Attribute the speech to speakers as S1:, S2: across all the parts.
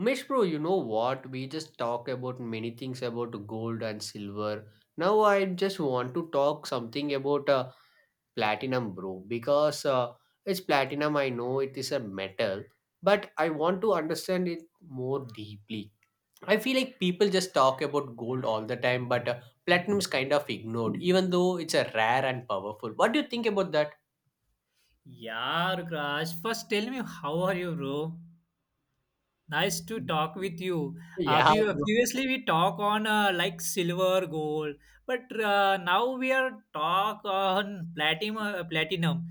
S1: Umesh bro, you know what? We just talk about many things about gold and silver. Now I just want to talk something about platinum, bro, because it's platinum. I know it is a metal, but I want to understand it more deeply. I feel like people just talk about gold all the time, but platinum is kind of ignored, even though it's a rare and powerful. What do you think about that?
S2: Yeah, Raj. First, tell me how are you, bro? Nice to talk with you. Uh,
S1: Yeah,
S2: be-
S1: bro.
S2: previously, we talk on like silver, gold, but now we are talk on platinum. Platinum.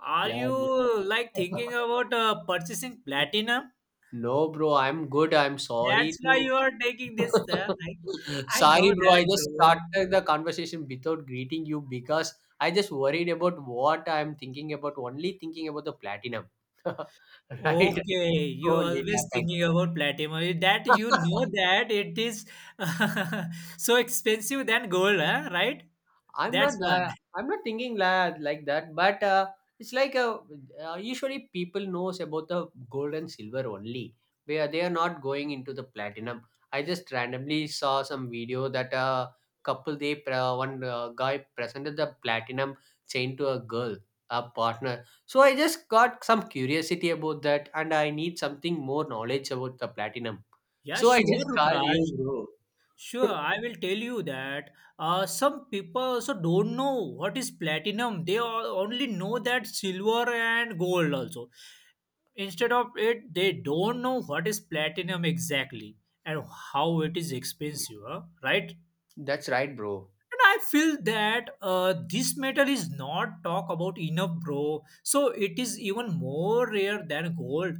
S2: Are
S1: Yeah, bro.
S2: you like thinking about purchasing platinum?
S1: No, bro, I'm good. I'm
S2: That's
S1: sorry
S2: why
S1: to.
S2: you are taking this. Uh, I, I know
S1: Sorry, bro.
S2: that,
S1: I just
S2: bro.
S1: started the conversation without greeting you because I just worried about what I'm thinking about. Only thinking about the platinum, right?
S2: Okay, you
S1: Only
S2: always
S1: that
S2: thinking about platinum. Eh, that you
S1: point.
S2: know that it is so expensive than gold, huh? Right?
S1: I'm
S2: That's
S1: not
S2: why.
S1: that. I'm not thinking like that. But it's like a, usually people knows about the gold and silver only. They are not going into the platinum. I just randomly saw some video that a couple they one guy presented the platinum chain to a girl, a partner. So I just got some curiosity about that, and I need something more knowledge about the platinum.
S2: Yeah,
S1: So I
S2: sure,
S1: just called you,
S2: Rukraj.
S1: bro.
S2: Sure, I will tell you that some people also don't know what is platinum. They all only know that silver and gold also. Instead of it, they don't know what is platinum exactly and how it is expensive, huh? Right?
S1: That's right, bro.
S2: And I feel that this metal is not talked about enough, bro. So it is even more rare than gold,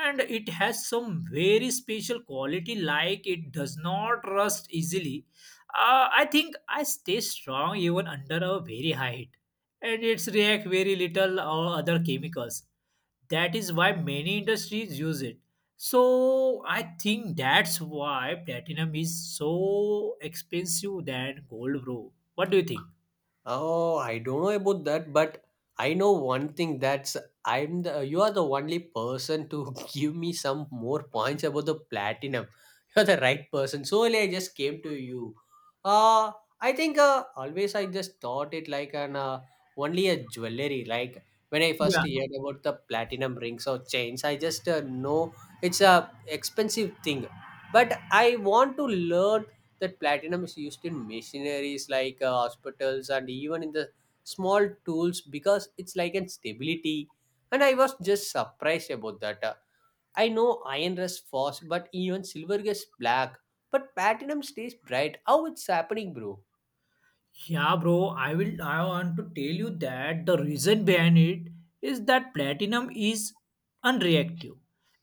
S2: and it has some very special quality, like it does not rust easily. I think I stay strong even under a very high heat, and it's react very little or other chemicals. That is why many industries use it. So I think that's why platinum is so expensive than gold, bro. What do you think?
S1: Oh, I don't know about that, but I know one thing that's I'm the you are the only person to give me some more points about the platinum. You're the right person. So only I just came to you. Uh I think always I just thought it like an only a jewelry. Like when I first
S2: Yeah.
S1: heard about the platinum rings or chains, I just know it's a expensive thing. But I want to learn that platinum is used in machineries like hospitals and even in the small tools because it's like an stability, and I was just surprised about that. I know iron rusts fast, but even silver gets black, but platinum stays bright. How it's happening, bro?
S2: Yeah, bro, I will. I want to tell you that the reason behind it is that platinum is unreactive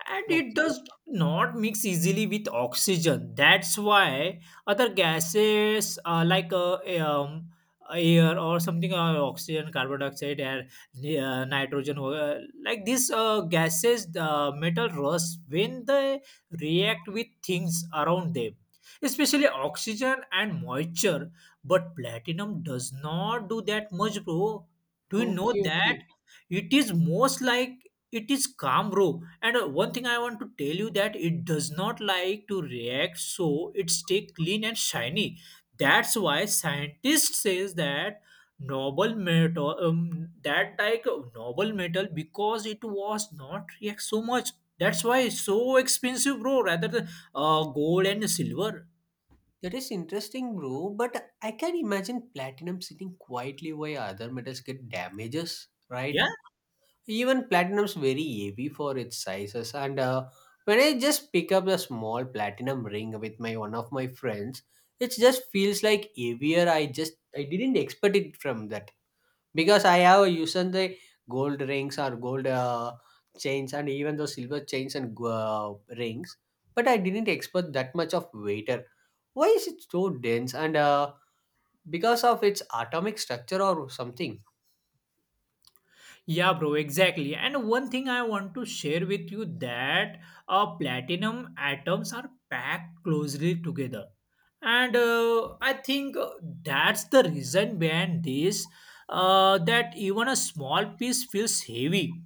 S2: and it
S1: Okay.
S2: does not mix easily with oxygen. That's why other gases um, air or something, oxygen, carbon dioxide, air, nitrogen, like these gases, the metal rust when they react with things around them, especially oxygen and moisture, but platinum does not do that much, bro. Do you know
S1: Okay.
S2: that?
S1: Okay.
S2: It is most like it is calm, bro. And one thing I want to tell you that it does not like to react, so it stay clean and shiny. That's why scientists says that noble metal, that like noble metal, because it was not react so much. That's why it's so expensive, bro. Rather than gold and silver.
S1: That is interesting, bro, but I can imagine platinum sitting quietly while other metals get damages, right?
S2: Yeah.
S1: Even platinum's very heavy for its sizes, and when I just pick up a small platinum ring with my one of my friends, it just feels like heavier. I didn't expect it from that because I have used the gold rings or gold chains and even those silver chains and rings, but I didn't expect that much of weighter. Why is it so dense? And because of its atomic structure or something?
S2: Yeah, bro, exactly. And one thing I want to share with you that platinum atoms are packed closely together. And I think that's the reason behind this, that even a small piece feels heavy.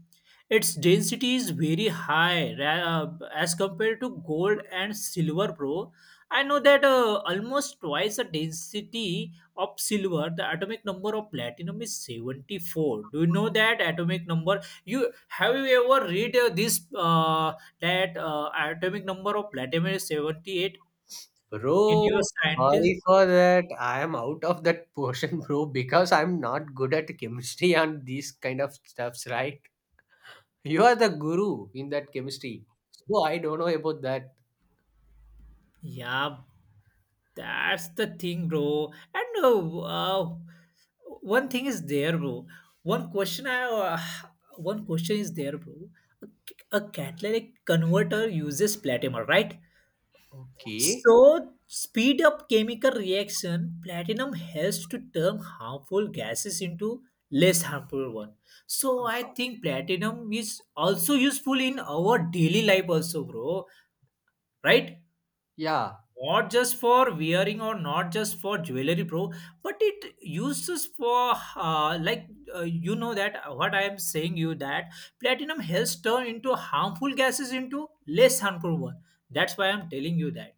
S2: Its density is very high as compared to gold and silver, bro. I know that almost twice the density of silver. The atomic number of platinum is 74. Do you know that atomic number? You have you ever read this that atomic number of platinum is 78 in your
S1: Bro,
S2: scientist?
S1: sorry for that. I am out of that portion, bro, because I'm not good at chemistry and these kind of stuffs, right? You are the guru in that chemistry. So I don't know about that.
S2: Yeah, that's the thing, bro. And one thing is there, bro. one question i uh, One question is there, bro. A, a catalytic converter uses platinum, right?
S1: Okay.
S2: So, speed up chemical reaction, platinum helps to turn harmful gases into less harmful one. So, I think platinum is also useful in our daily life also, bro. Right?
S1: Yeah.
S2: Not just for wearing or not just for jewelry, bro, but it uses for you know that what I am saying you that platinum helps turn into harmful gases into less harmful one. That's why I'm telling you that.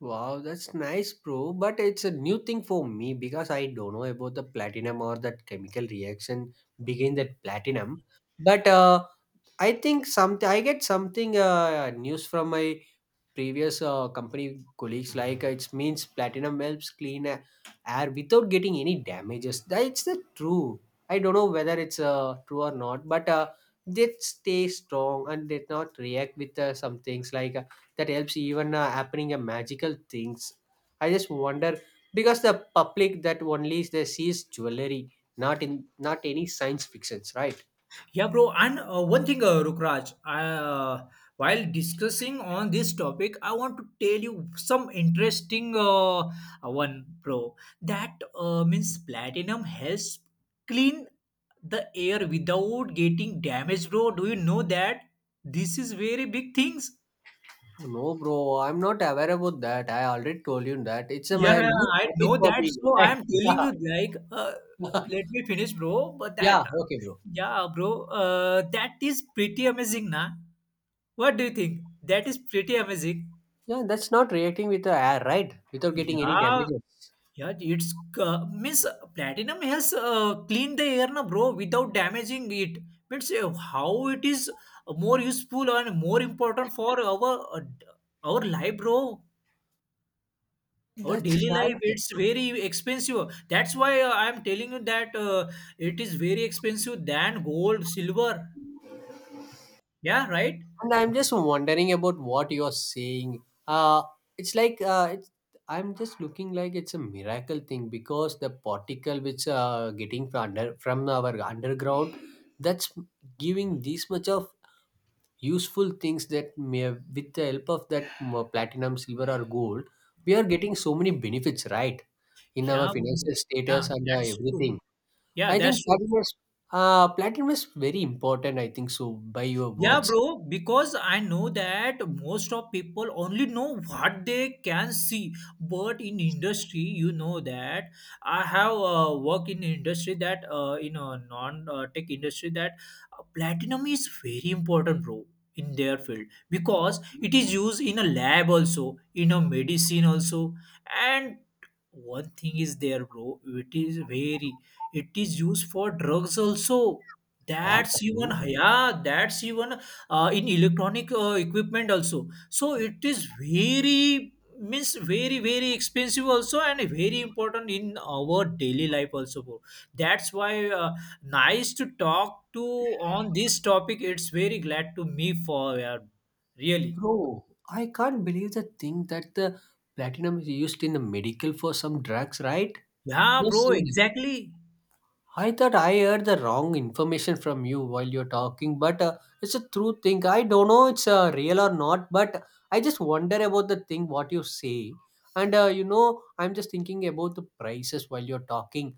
S1: Wow, that's nice, bro. But it's a new thing for me because I don't know about the platinum or that chemical reaction begin that platinum. But I think something I get something news from my previous company colleagues like it means platinum helps clean air without getting any damages. That's the true. I don't know whether it's true or not, but they stay strong and they not react with some things like that helps even happening a magical things. I just wonder because the public that only is they sees jewelry, not in, not any science fictions, right?
S2: Yeah, bro. And one thing, Rukraj, while discussing on this topic, I want to tell you some interesting one, bro. That means platinum helps clean the air without getting damaged, bro. Do you know that? This is very big things.
S1: No, bro, I'm not aware about that. I already told you that. It's a
S2: Yeah,
S1: my
S2: yeah,
S1: new
S2: I
S1: topic
S2: know
S1: for
S2: that.
S1: me.
S2: So I am
S1: Yeah,
S2: telling you, like, let me finish, bro. But that,
S1: yeah, okay, bro.
S2: yeah, bro, that is pretty amazing, na? What do you think? That is pretty amazing.
S1: Yeah, that's not reacting with the air, right? Without getting any
S2: Yeah,
S1: damages.
S2: yeah, it's means platinum has cleaned the air, na, bro, without damaging it. Means how it is more useful and more important for our life, bro. Our
S1: That's
S2: daily life,
S1: right.
S2: it's very expensive. That's why I'm telling you that it is very expensive than gold, silver. Yeah, right.
S1: And I'm just wondering about what you're saying. Uh, it's like I'm just looking like it's a miracle thing because the particle which getting from under from our underground, that's giving this much of useful things that may have, with the help of that platinum silver or gold, we are getting so many benefits, right, in our
S2: Yeah,
S1: financial
S2: yeah,
S1: status and
S2: that's true.
S1: everything.
S2: Yeah,
S1: I think
S2: that's true.
S1: platinum is very important, I think so, by your
S2: Yeah,
S1: words.
S2: bro, because I know that most of people only know what they can see. But in industry, you know that I have work in industry that in a non-tech industry that platinum is very important, bro, in their field because it is used in a lab also, in a medicine also, and one thing is there, bro. It is very, it is used for drugs also.
S1: What,
S2: That's even,
S1: bro?
S2: yeah, that's even in electronic equipment also. So it is very means very, very expensive also, and very important in our daily life also, bro. That's why, nice to talk to on this topic. It's very glad to me for, yeah, really.
S1: Bro, I can't believe the thing that the platinum is used in the medical for some drugs, right?
S2: Yeah,
S1: Yes,
S2: bro,
S1: sir.
S2: exactly.
S1: I thought I heard the wrong information from you while you're talking, but it's a true thing. I don't know it's real or not, but I just wonder about the thing what you say. And I'm just thinking about the prices while you're talking.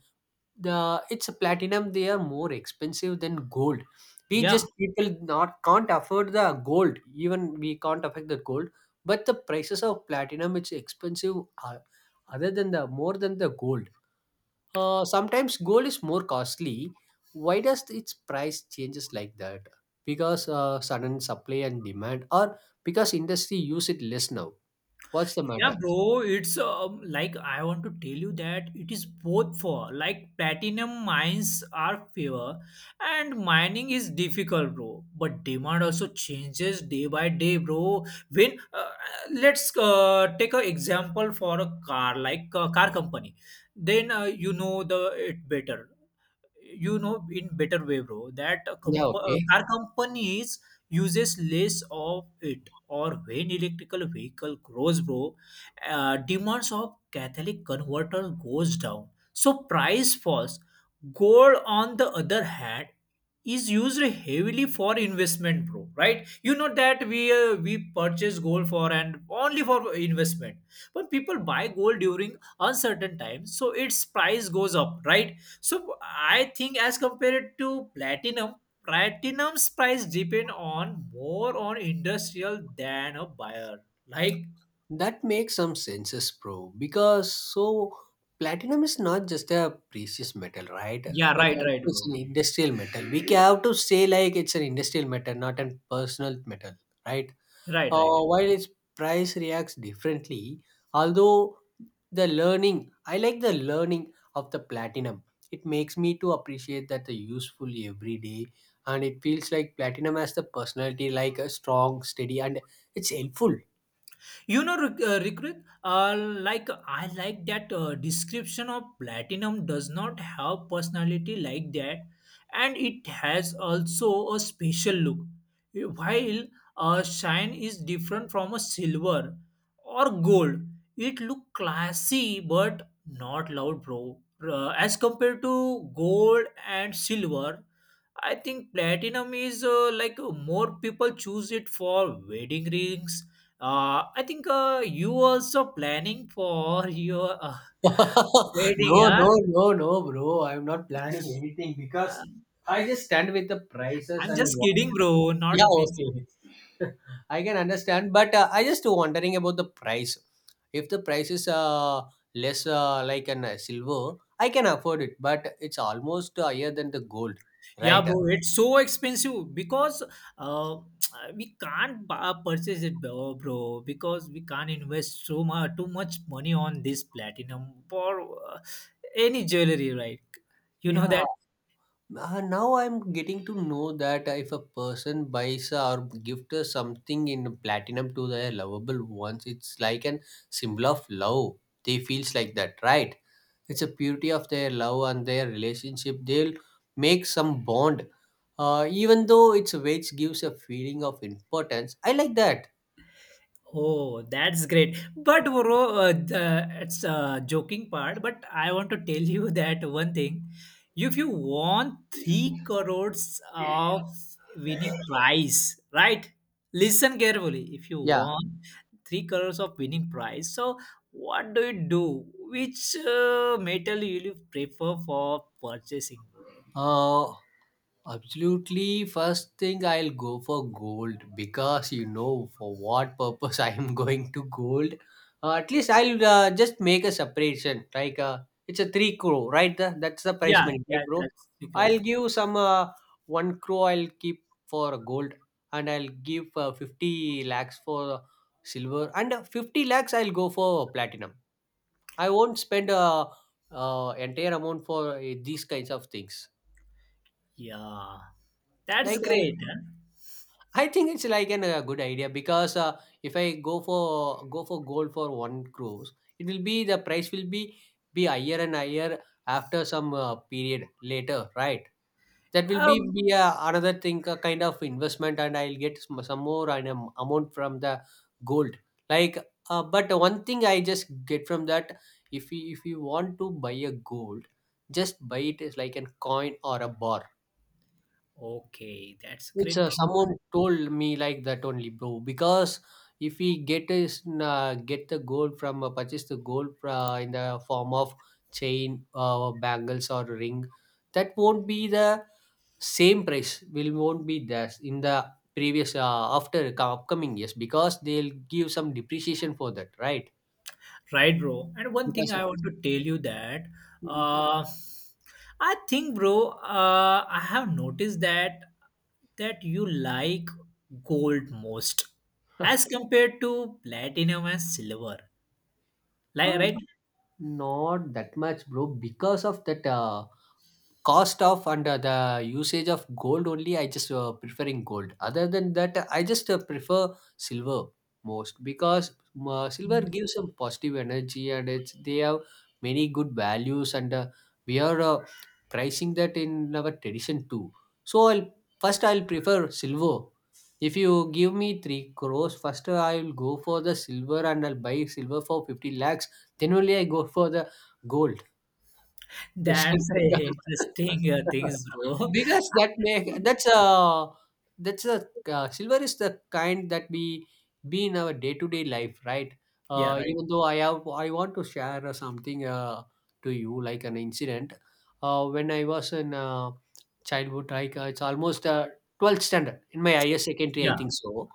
S1: The It's a platinum; they are more expensive than gold. We
S2: Yeah.
S1: just people not can't afford the gold. Even we can't afford the gold, but the prices of platinum, it's expensive, uh, other than the more than the gold. Sometimes gold is more costly. Why does its price changes like that? Because sudden supply and demand, or because industry use it less now? What's the
S2: Yeah,
S1: matter?
S2: bro, it's like I want to tell you that it is both for like platinum mines are fewer and mining is difficult, bro. But demand also changes day by day, bro. When let's take an example for a car, like a car company, then you know the it better. You know in better way, bro, that
S1: Yeah, okay.
S2: car companies uses less of it, or when electrical vehicle grows, bro, demands of catalytic converter goes down, so price falls. Gold on the other hand is used heavily for investment, bro. Right? You know that we purchase gold for and only for investment. But people buy gold during uncertain times, so its price goes up, right? So I think as compared to platinum, platinum's price depend on more on industrial than a buyer. Like,
S1: That makes some senses, bro. Because so platinum is not just a precious metal, right?
S2: yeah,
S1: But
S2: right,
S1: also
S2: right,
S1: it's
S2: bro.
S1: an industrial metal. We can have to say like it's an industrial metal, not a personal metal, right?
S2: Right, right.
S1: While its price reacts differently, although the learning, I like the learning of the platinum. It makes me to appreciate that the useful every day, and it feels like platinum has the personality, like a strong, steady, and it's helpful.
S2: You know, Rikrit, like I like that description of platinum does not have personality like that, and it has also a special look. While a shine is different from a silver or gold, it look classy but not loud, bro. As compared to gold and silver, I think platinum is like more people choose it for wedding rings. I think you also planning for your wedding,
S1: No,
S2: huh?
S1: no, no, no, bro. I'm not planning anything
S2: Uh,
S1: because I just stand with the prices
S2: I'm
S1: and
S2: just
S1: what.
S2: kidding, bro.
S1: Yeah,
S2: Not busy.
S1: okay. I can understand, but I just wondering about the price. If the price is less, like an silver, I can afford it, but it's almost higher than the gold,
S2: Yeah,
S1: right?
S2: bro, it's so expensive because uh, we can't bu- purchase it, bro, because we can't invest so much, too much money on this platinum for uh, any jewelry, right? You know
S1: Yeah.
S2: that.
S1: Now I'm getting to know that if a person buys or gift us something in platinum to their lovable ones, it's like an symbol of love. They feels like that, right? It's a purity of their love and their relationship. They'll make some bond, even though its weight gives a feeling of importance. I like that.
S2: Oh, that's great. But bro, it's a joking part, but I want to tell you that one thing. If you want 3 crores of winning prize, right? Listen carefully. If you
S1: Yeah.
S2: want 3 crores of winning prize, so what do you do? Which metal will you prefer for purchasing, bro?
S1: Uh, Absolutely, first thing I'll go for gold because you know for what purpose I am going to gold. At least I'll just make a separation. Like it's a 3 crore, right? That's the price
S2: Yeah,
S1: money,
S2: yeah,
S1: right, bro?
S2: that's 3 crore.
S1: I'll give some 1 crore. I'll keep for gold, and I'll give 50 lakhs for silver, and 50 lakhs I'll go for platinum. I won't spend entire amount for these kinds of things.
S2: Yeah, that's
S1: Like I'll
S2: great. Huh?
S1: I think it's like an a good idea because if I go for gold for 1 crores, it will be the price will be higher and higher after some period later, right? That will be
S2: Um,
S1: be another thing, a kind of investment, and I'll get some more amount from the gold. Like, but one thing I just get from that, if you want to buy a gold, just buy it as like a coin or a bar.
S2: okay, that's
S1: It's
S2: great
S1: someone
S2: thing.
S1: told me like that only, bro. Because if we get the gold from purchase the gold in the form of chain, bangles or ring, that won't be the same price. Will won't be there in the previous upcoming years because they'll give some depreciation for that, right?
S2: Right, bro. And one thing
S1: Because of.
S2: I want to tell you that uh, I think, bro, I have noticed that that you like gold most as compared to platinum and silver. Like,
S1: Uh,
S2: right?
S1: Not that much, bro. Because of that. Cost of and the usage of gold only, I just preferring gold. Other than that, I just prefer silver most because silver gives some positive energy, and it's they have many good values, and we are pricing that in our tradition too. So I'll first I'll prefer silver. If you give me 3 crores, first I will go for the silver, and I'll buy silver for 50 lakhs, then only I go for the gold. Question.
S2: That's a
S1: because
S2: interesting things, bro.
S1: because that may that's a that's a silver is the kind that we be in our day to day life, right?
S2: Yeah, right.
S1: Even though I want to share something to you like an incident. When I was in childhood, like it's almost 12th standard in my higher secondary, I
S2: Yeah.
S1: think so.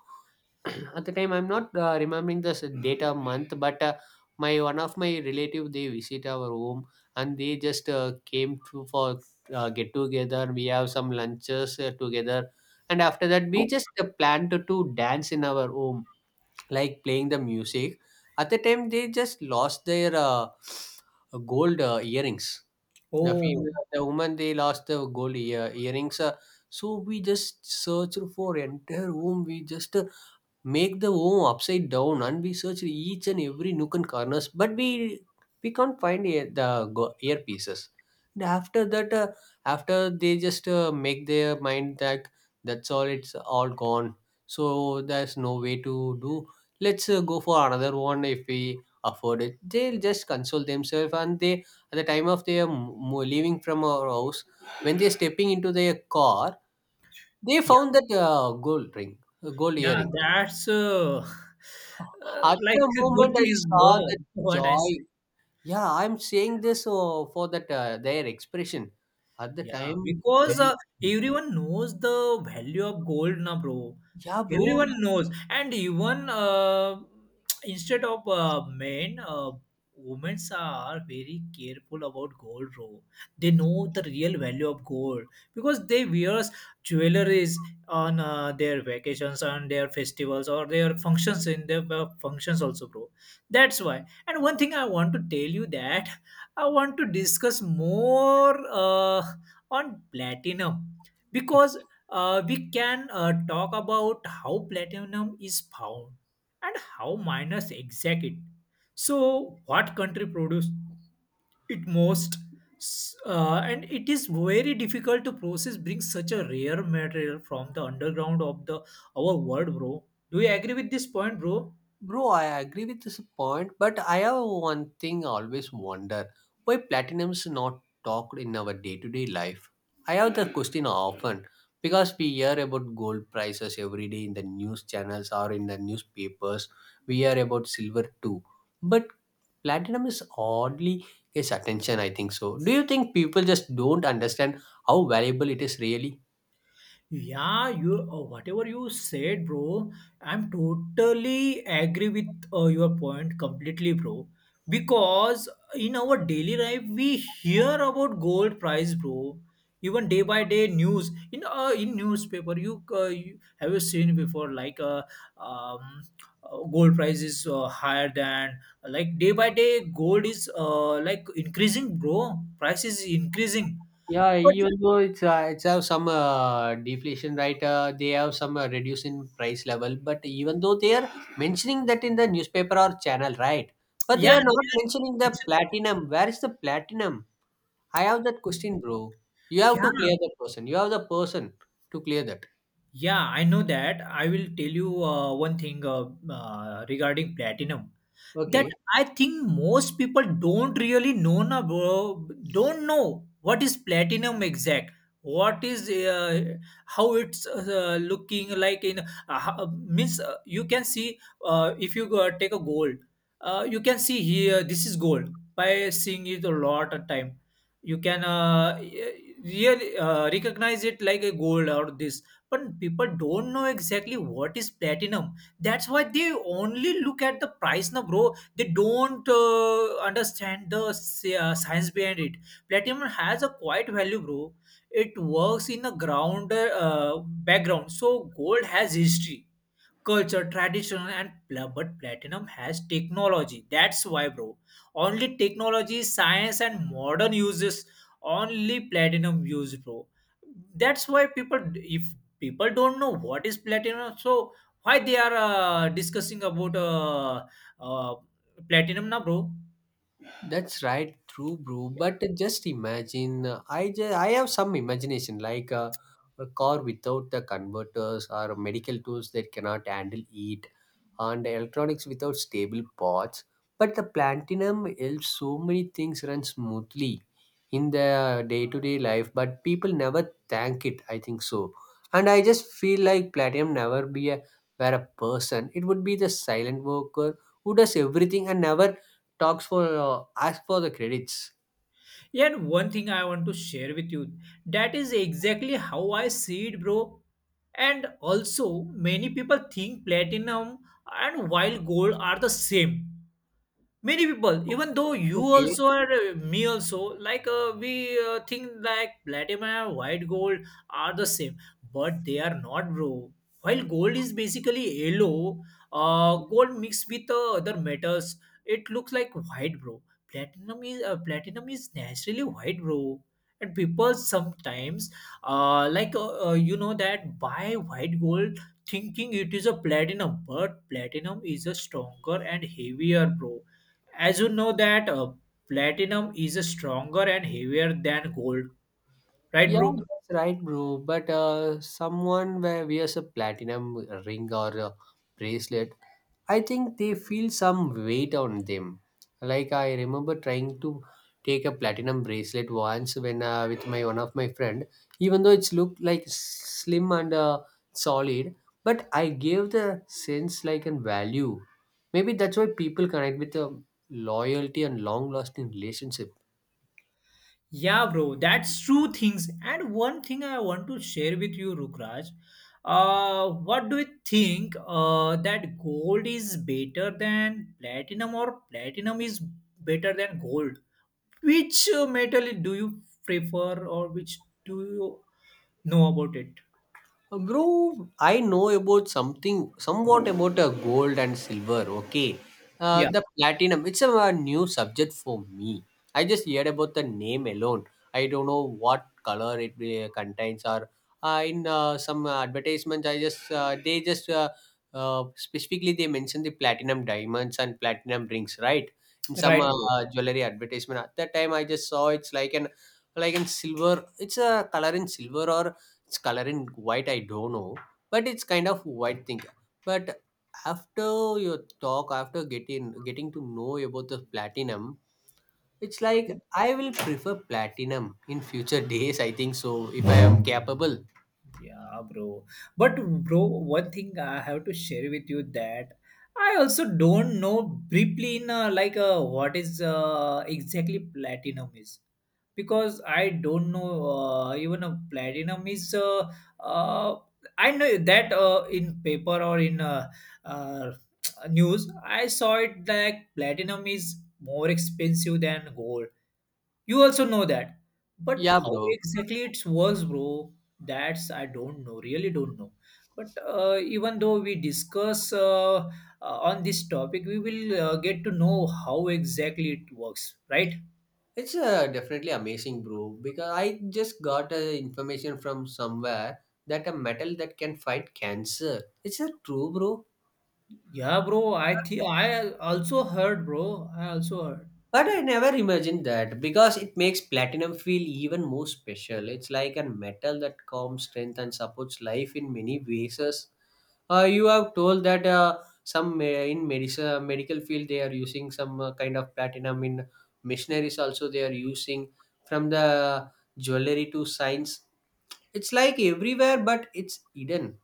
S1: At the time I'm not remembering this data month, but my one of my relative they visit our home, and they just came to for get together. We have some lunches together. And after that we just planned to dance in our home, like playing the music. At the time they just lost their gold earrings. The
S2: Oh,
S1: female, the woman, they lost the gold earrings, so we just searched for entire home. We just make the home upside down, and we search each and every nook and corners, but we can't find earpieces. And after that, after they just make their mind that that's all, it's all gone, so there's no way to do. Let's go for another one if we afford it. They'll just console themselves, and they, at the time of their leaving from our house, when they're stepping into their car, they
S2: yeah.
S1: found that gold ring, gold
S2: Yeah,
S1: earring.
S2: that's
S1: At the
S2: like a
S1: moment
S2: good
S1: I
S2: things,
S1: saw the
S2: bro. What I
S1: joy.
S2: say.
S1: Yeah, I'm saying this for that their expression. At the
S2: Yeah,
S1: time
S2: because
S1: when,
S2: everyone knows the value of gold now, bro.
S1: yeah, bro.
S2: Everyone knows, and even instead of men, women are very careful about gold, bro. They know the real value of gold because they wear jewelries on their vacations, on their festivals, or their functions in their functions also, bro. That's why. And one thing I want to tell you that I want to discuss more. On platinum, because we can talk about how platinum is found and how miners exact it. So, what country produce it most? S- And it is very difficult to process bring such a rare material from the underground of the our world, bro. Do you agree with this point, bro?
S1: Bro, I agree with this point, but I have one thing I always wonder, why platinum's not talked in our day to day life. I have the question often, because we hear about gold prices every day in the news channels or in the newspapers. We hear about silver too, but platinum is oddly gets attention, I think so. Do you think people just don't understand how valuable it is really?
S2: Yeah, you whatever you said, bro, I'm totally agree with your point completely, bro. Because in our daily life, we hear about gold price, bro. Even day by day news in newspaper, you have you seen before like um, gold price is higher than like day by day gold is like increasing, bro. Price is increasing,
S1: Yeah,
S2: but
S1: even though it's have some deflation, right? They have some reduce in price level, but even though they are mentioning that in the newspaper or channel, right? But they
S2: yeah,
S1: are
S2: they
S1: not
S2: are-
S1: mentioning the platinum. Where is the platinum? I have that question, bro. You have to clear
S2: yeah.
S1: that person. You have the person to clear that.
S2: Yeah, I know that. I will tell you one thing regarding platinum that
S1: Okay.
S2: I think most people don't really know na, bro, don't know what is platinum exact, what is how it's looking like in means you can see, if you go, take a gold, you can see here, this is gold. By seeing it a lot of time you can really recognize it like a gold or this, but people don't know exactly what is platinum. That's why they only look at the price now, bro. They don't understand the science behind it. Platinum has a quite value, bro. It works in the ground, background. So gold has history, culture, traditional, and but platinum has technology. That's why, bro. Only technology, science, and modern uses. Only platinum use, bro. That's why people, if people don't know what is platinum, so why they are discussing about uh, platinum now, bro?
S1: That's right, true, bro.
S2: Yeah.
S1: But just imagine, I have some imagination, like a car without the converters or medical tools that cannot handle heat, and electronics without stable parts. But the platinum helps so many things run smoothly in their day-to-day life, but people never thank it, I think so. And I just feel like platinum, never be a were a person, it would be the silent worker who does everything and never talks for ask for the credits.
S2: Yeah, and one thing I want to share with you that is exactly how I see it, bro. And also, many people think platinum and wild gold are the same, many people even though you
S1: Okay.
S2: also are me also like we think like platinum and white gold are the same, but they are not, bro. While gold is basically yellow gold mixed with other metals, it looks like white, bro. Platinum is naturally white, bro. And people sometimes you know that buy white gold thinking it is a platinum, but platinum is a stronger and heavier, bro. As you know that platinum is a stronger and heavier than gold, right,
S1: Yeah,
S2: bro?
S1: that's right, bro. But someone where wears a platinum ring or a bracelet, I think they feel some weight on them. Like I remember trying to take a platinum bracelet once, when with my one of my friend, even though it's looked like slim and solid, but I gave the sense like and value. Maybe that's why people connect with the loyalty and long lasting relationship.
S2: Yeah, bro, that's true things. And one thing I want to share with you, Rukraj. What do you think? That gold is better than platinum, or platinum is better than gold? Which metal do you prefer, or which do you know about it?
S1: Bro, I know about something, somewhat about gold and silver. Okay,
S2: Yeah,
S1: the platinum, it's a, new subject for me. I just heard about the name alone. I don't know what color it contains. Or in some advertisements, I just they just specifically they mention the platinum diamonds and platinum rings, right? In some
S2: right, bro.
S1: jewelry advertisement, at that time I just saw it's like an, like in silver. It's a color in silver or it's color in white, I don't know, but it's kind of white thing. But after your talk, after getting to know about the platinum, it's like I will prefer platinum in future days, I think so, if I am capable.
S2: Yeah, bro. But bro, one thing I have to share with you that I also don't know briefly in what is exactly platinum is, because I don't know even a platinum is uh, I know that in paper or in uh, news I saw it like platinum is more expensive than gold, you also know that. But
S1: Yeah,
S2: how
S1: bro.
S2: exactly it works, bro, that's I don't know, really don't know. But even though we discuss on this topic, we will get to know how exactly it works, right?
S1: It's definitely amazing, bro. Because I just got information from somewhere that a metal that can fight cancer. It's a true, bro.
S2: Yeah, bro, I think I also heard, bro. I also heard.
S1: But I never imagined that, because it makes platinum feel even more special. It's like a metal that calms, strength, and supports life in many ways. You have told that some in medicine, medical field they are using some kind of platinum. In missionaries also they are using, from the jewelry to science. It's like everywhere, but it's hidden.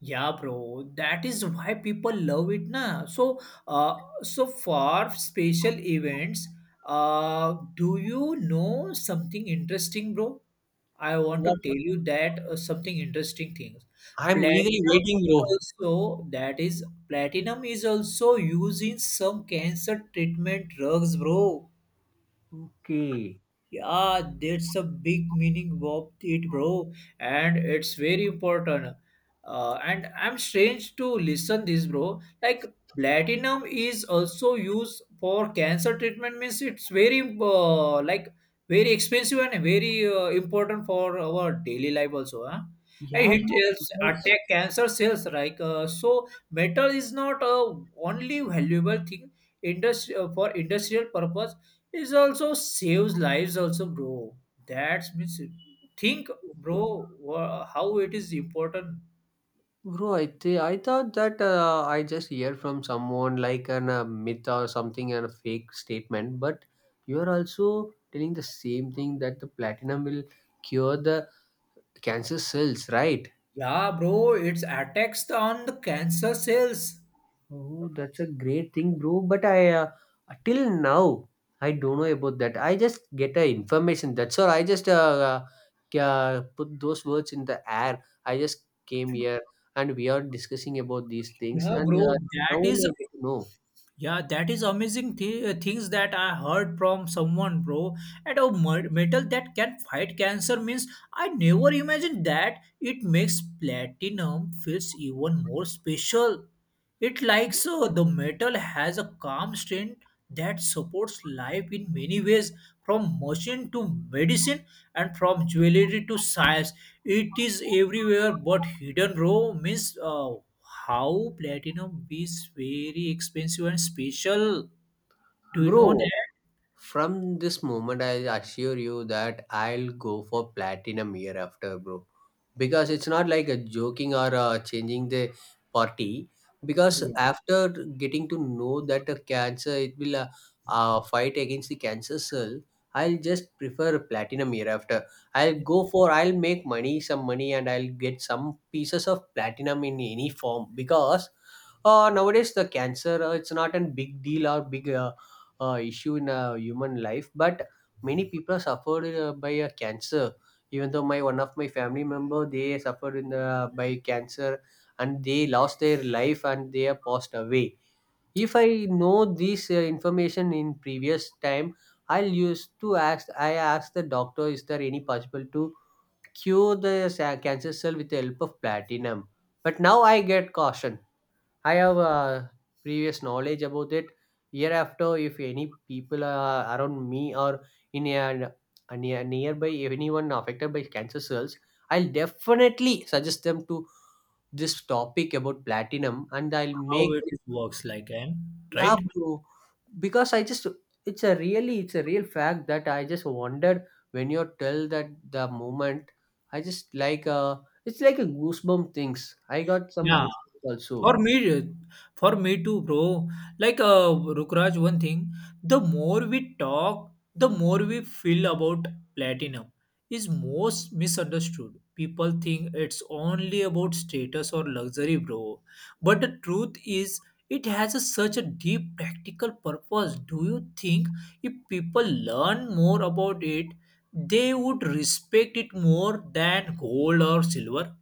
S2: Yeah, bro, that is why people love it, na. So, so for special events, do you know something interesting, bro? I want to
S1: What?
S2: tell you that something interesting things.
S1: I'm eagerly
S2: Platinum
S1: waiting,
S2: is
S1: bro.
S2: also that is platinum is also used in some cancer treatment drugs, bro.
S1: Okay.
S2: Yeah, that's a big meaning of it, bro, and it's very important. And I'm strange to listen this, bro. Like platinum is also used for cancer treatment. Means it's very like very expensive and very important for our daily life also. Huh? And
S1: Yeah,
S2: it
S1: bro,
S2: helps
S1: because,
S2: attack cancer cells. Like so, metal is not a only valuable thing, industry for industrial purpose, it also saves lives, also, bro. That's means think, bro, how it is important.
S1: bro, I thought that I just hear from someone like an a myth or something and a fake statement, but you are also telling the same thing that the platinum will cure the cancer cells, right?
S2: Yeah, bro, it's attacks on the cancer cells.
S1: Oh, that's a great thing, bro. But I till now I don't know about that. I just get a information, that's all. I just put those words in the air. I just came here and we are discussing about these things,
S2: Yeah,
S1: and
S2: bro,
S1: now
S2: that
S1: only
S2: is
S1: I get to know.
S2: yeah, that is amazing things that I heard from someone, bro. And a metal that can fight cancer means I never imagined that. It makes platinum feels even more special. It likes the metal has a calm strength that supports life in many ways, from motion to medicine and from jewelry to science. It is everywhere, but hidden row means how platinum is very expensive and special. Do you know
S1: Bro,
S2: that?
S1: from this moment, I assure you that I'll go for platinum year after, bro. Because it's not like a joking or changing the party. Because
S2: Yeah.
S1: after getting to know that a cancer, it will fight against the cancer cell, I'll just prefer platinum year after. I'll go for. I'll make money, some money, and I'll get some pieces of platinum in any form. Because nowadays the cancer, it's not a big deal or big issue in a human life, but many people suffered by a cancer, even though my one of my family member they suffered by cancer, and they lost their life and they have passed away. If I know this information in previous time, I asked the doctor, is there any possible to cure the cancer cell with the help of platinum? But now I get caution. I have previous knowledge about it. Hereafter, if any people are around me or in a, nearby, if anyone affected by cancer cells, I'll definitely suggest them to this topic about platinum, and I'll
S2: How
S1: make.
S2: it works like and
S1: Yeah,
S2: right?
S1: bro. Because I just, it's a real fact that I just wondered when you tell that the moment. I just like, it's like a goosebump things. I got some
S2: Yeah.
S1: goosebumps also.
S2: For me, for me too, bro. Like Rukraj, one thing: the more we talk, the more we feel about platinum is most misunderstood. People think it's only about status or luxury, bro. But the truth is, it has a, such a deep practical purpose. Do you think if people learn more about it, they would respect it more than gold or silver?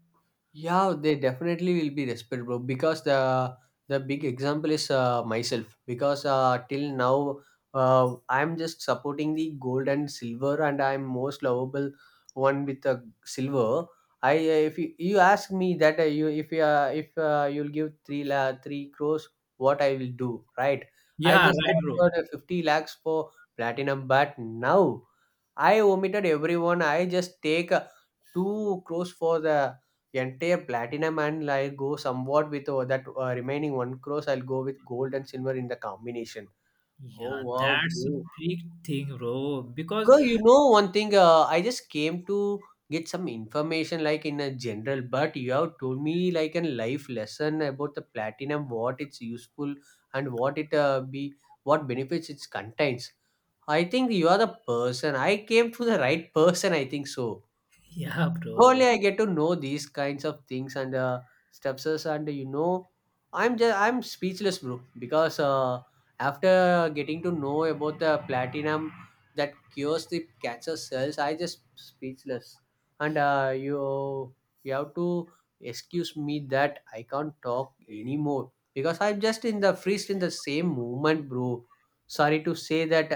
S1: Yeah, they definitely will be respectable. Because the big example is myself. Because till now, I'm just supporting the gold and silver, and I'm most lovable one with the silver. I If you ask me that, you if you'll give 3 crores, what I will do, right? I
S2: Yeah,
S1: just
S2: right, bro.
S1: offered 50 lakhs for platinum, but now I omitted everyone. I just take 2 crores for the entire platinum, and like go somewhat with that remaining 1 crores. I'll go with gold and silver in the combination. Oh
S2: Yeah,
S1: wow,
S2: that's a
S1: bro!
S2: big thing, bro. Because
S1: Bro, you know one thing. I just came to get some information like in a general, but you have told me like a life lesson about the platinum, what it's useful and what benefits it contains. I think you are the person. I came to the right person, I think so.
S2: yeah, bro.
S1: Only I get to know these kinds of things and steps, and I'm speechless, bro. Because after getting to know about the platinum that cures the cancer cells, I just speechless. And you have to excuse me that I can't talk anymore, because I'm just in the freeze in the same moment, bro. Sorry to say that.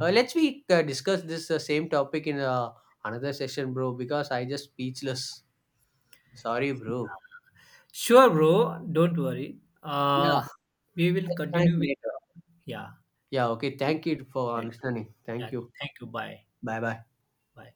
S1: Let's we discuss this same topic in a another session, bro, because I just speechless. Sorry, bro.
S2: Sure, bro. Don't worry.
S1: Yeah,
S2: We will
S1: let's connect
S2: continue with.
S1: later.
S2: Yeah.
S1: Yeah, okay.
S2: We
S1: Thank
S2: will
S1: you for
S2: continue later.
S1: understanding. Thank
S2: Yeah.
S1: you.
S2: Thank you. Bye.
S1: Bye bye.
S2: Bye.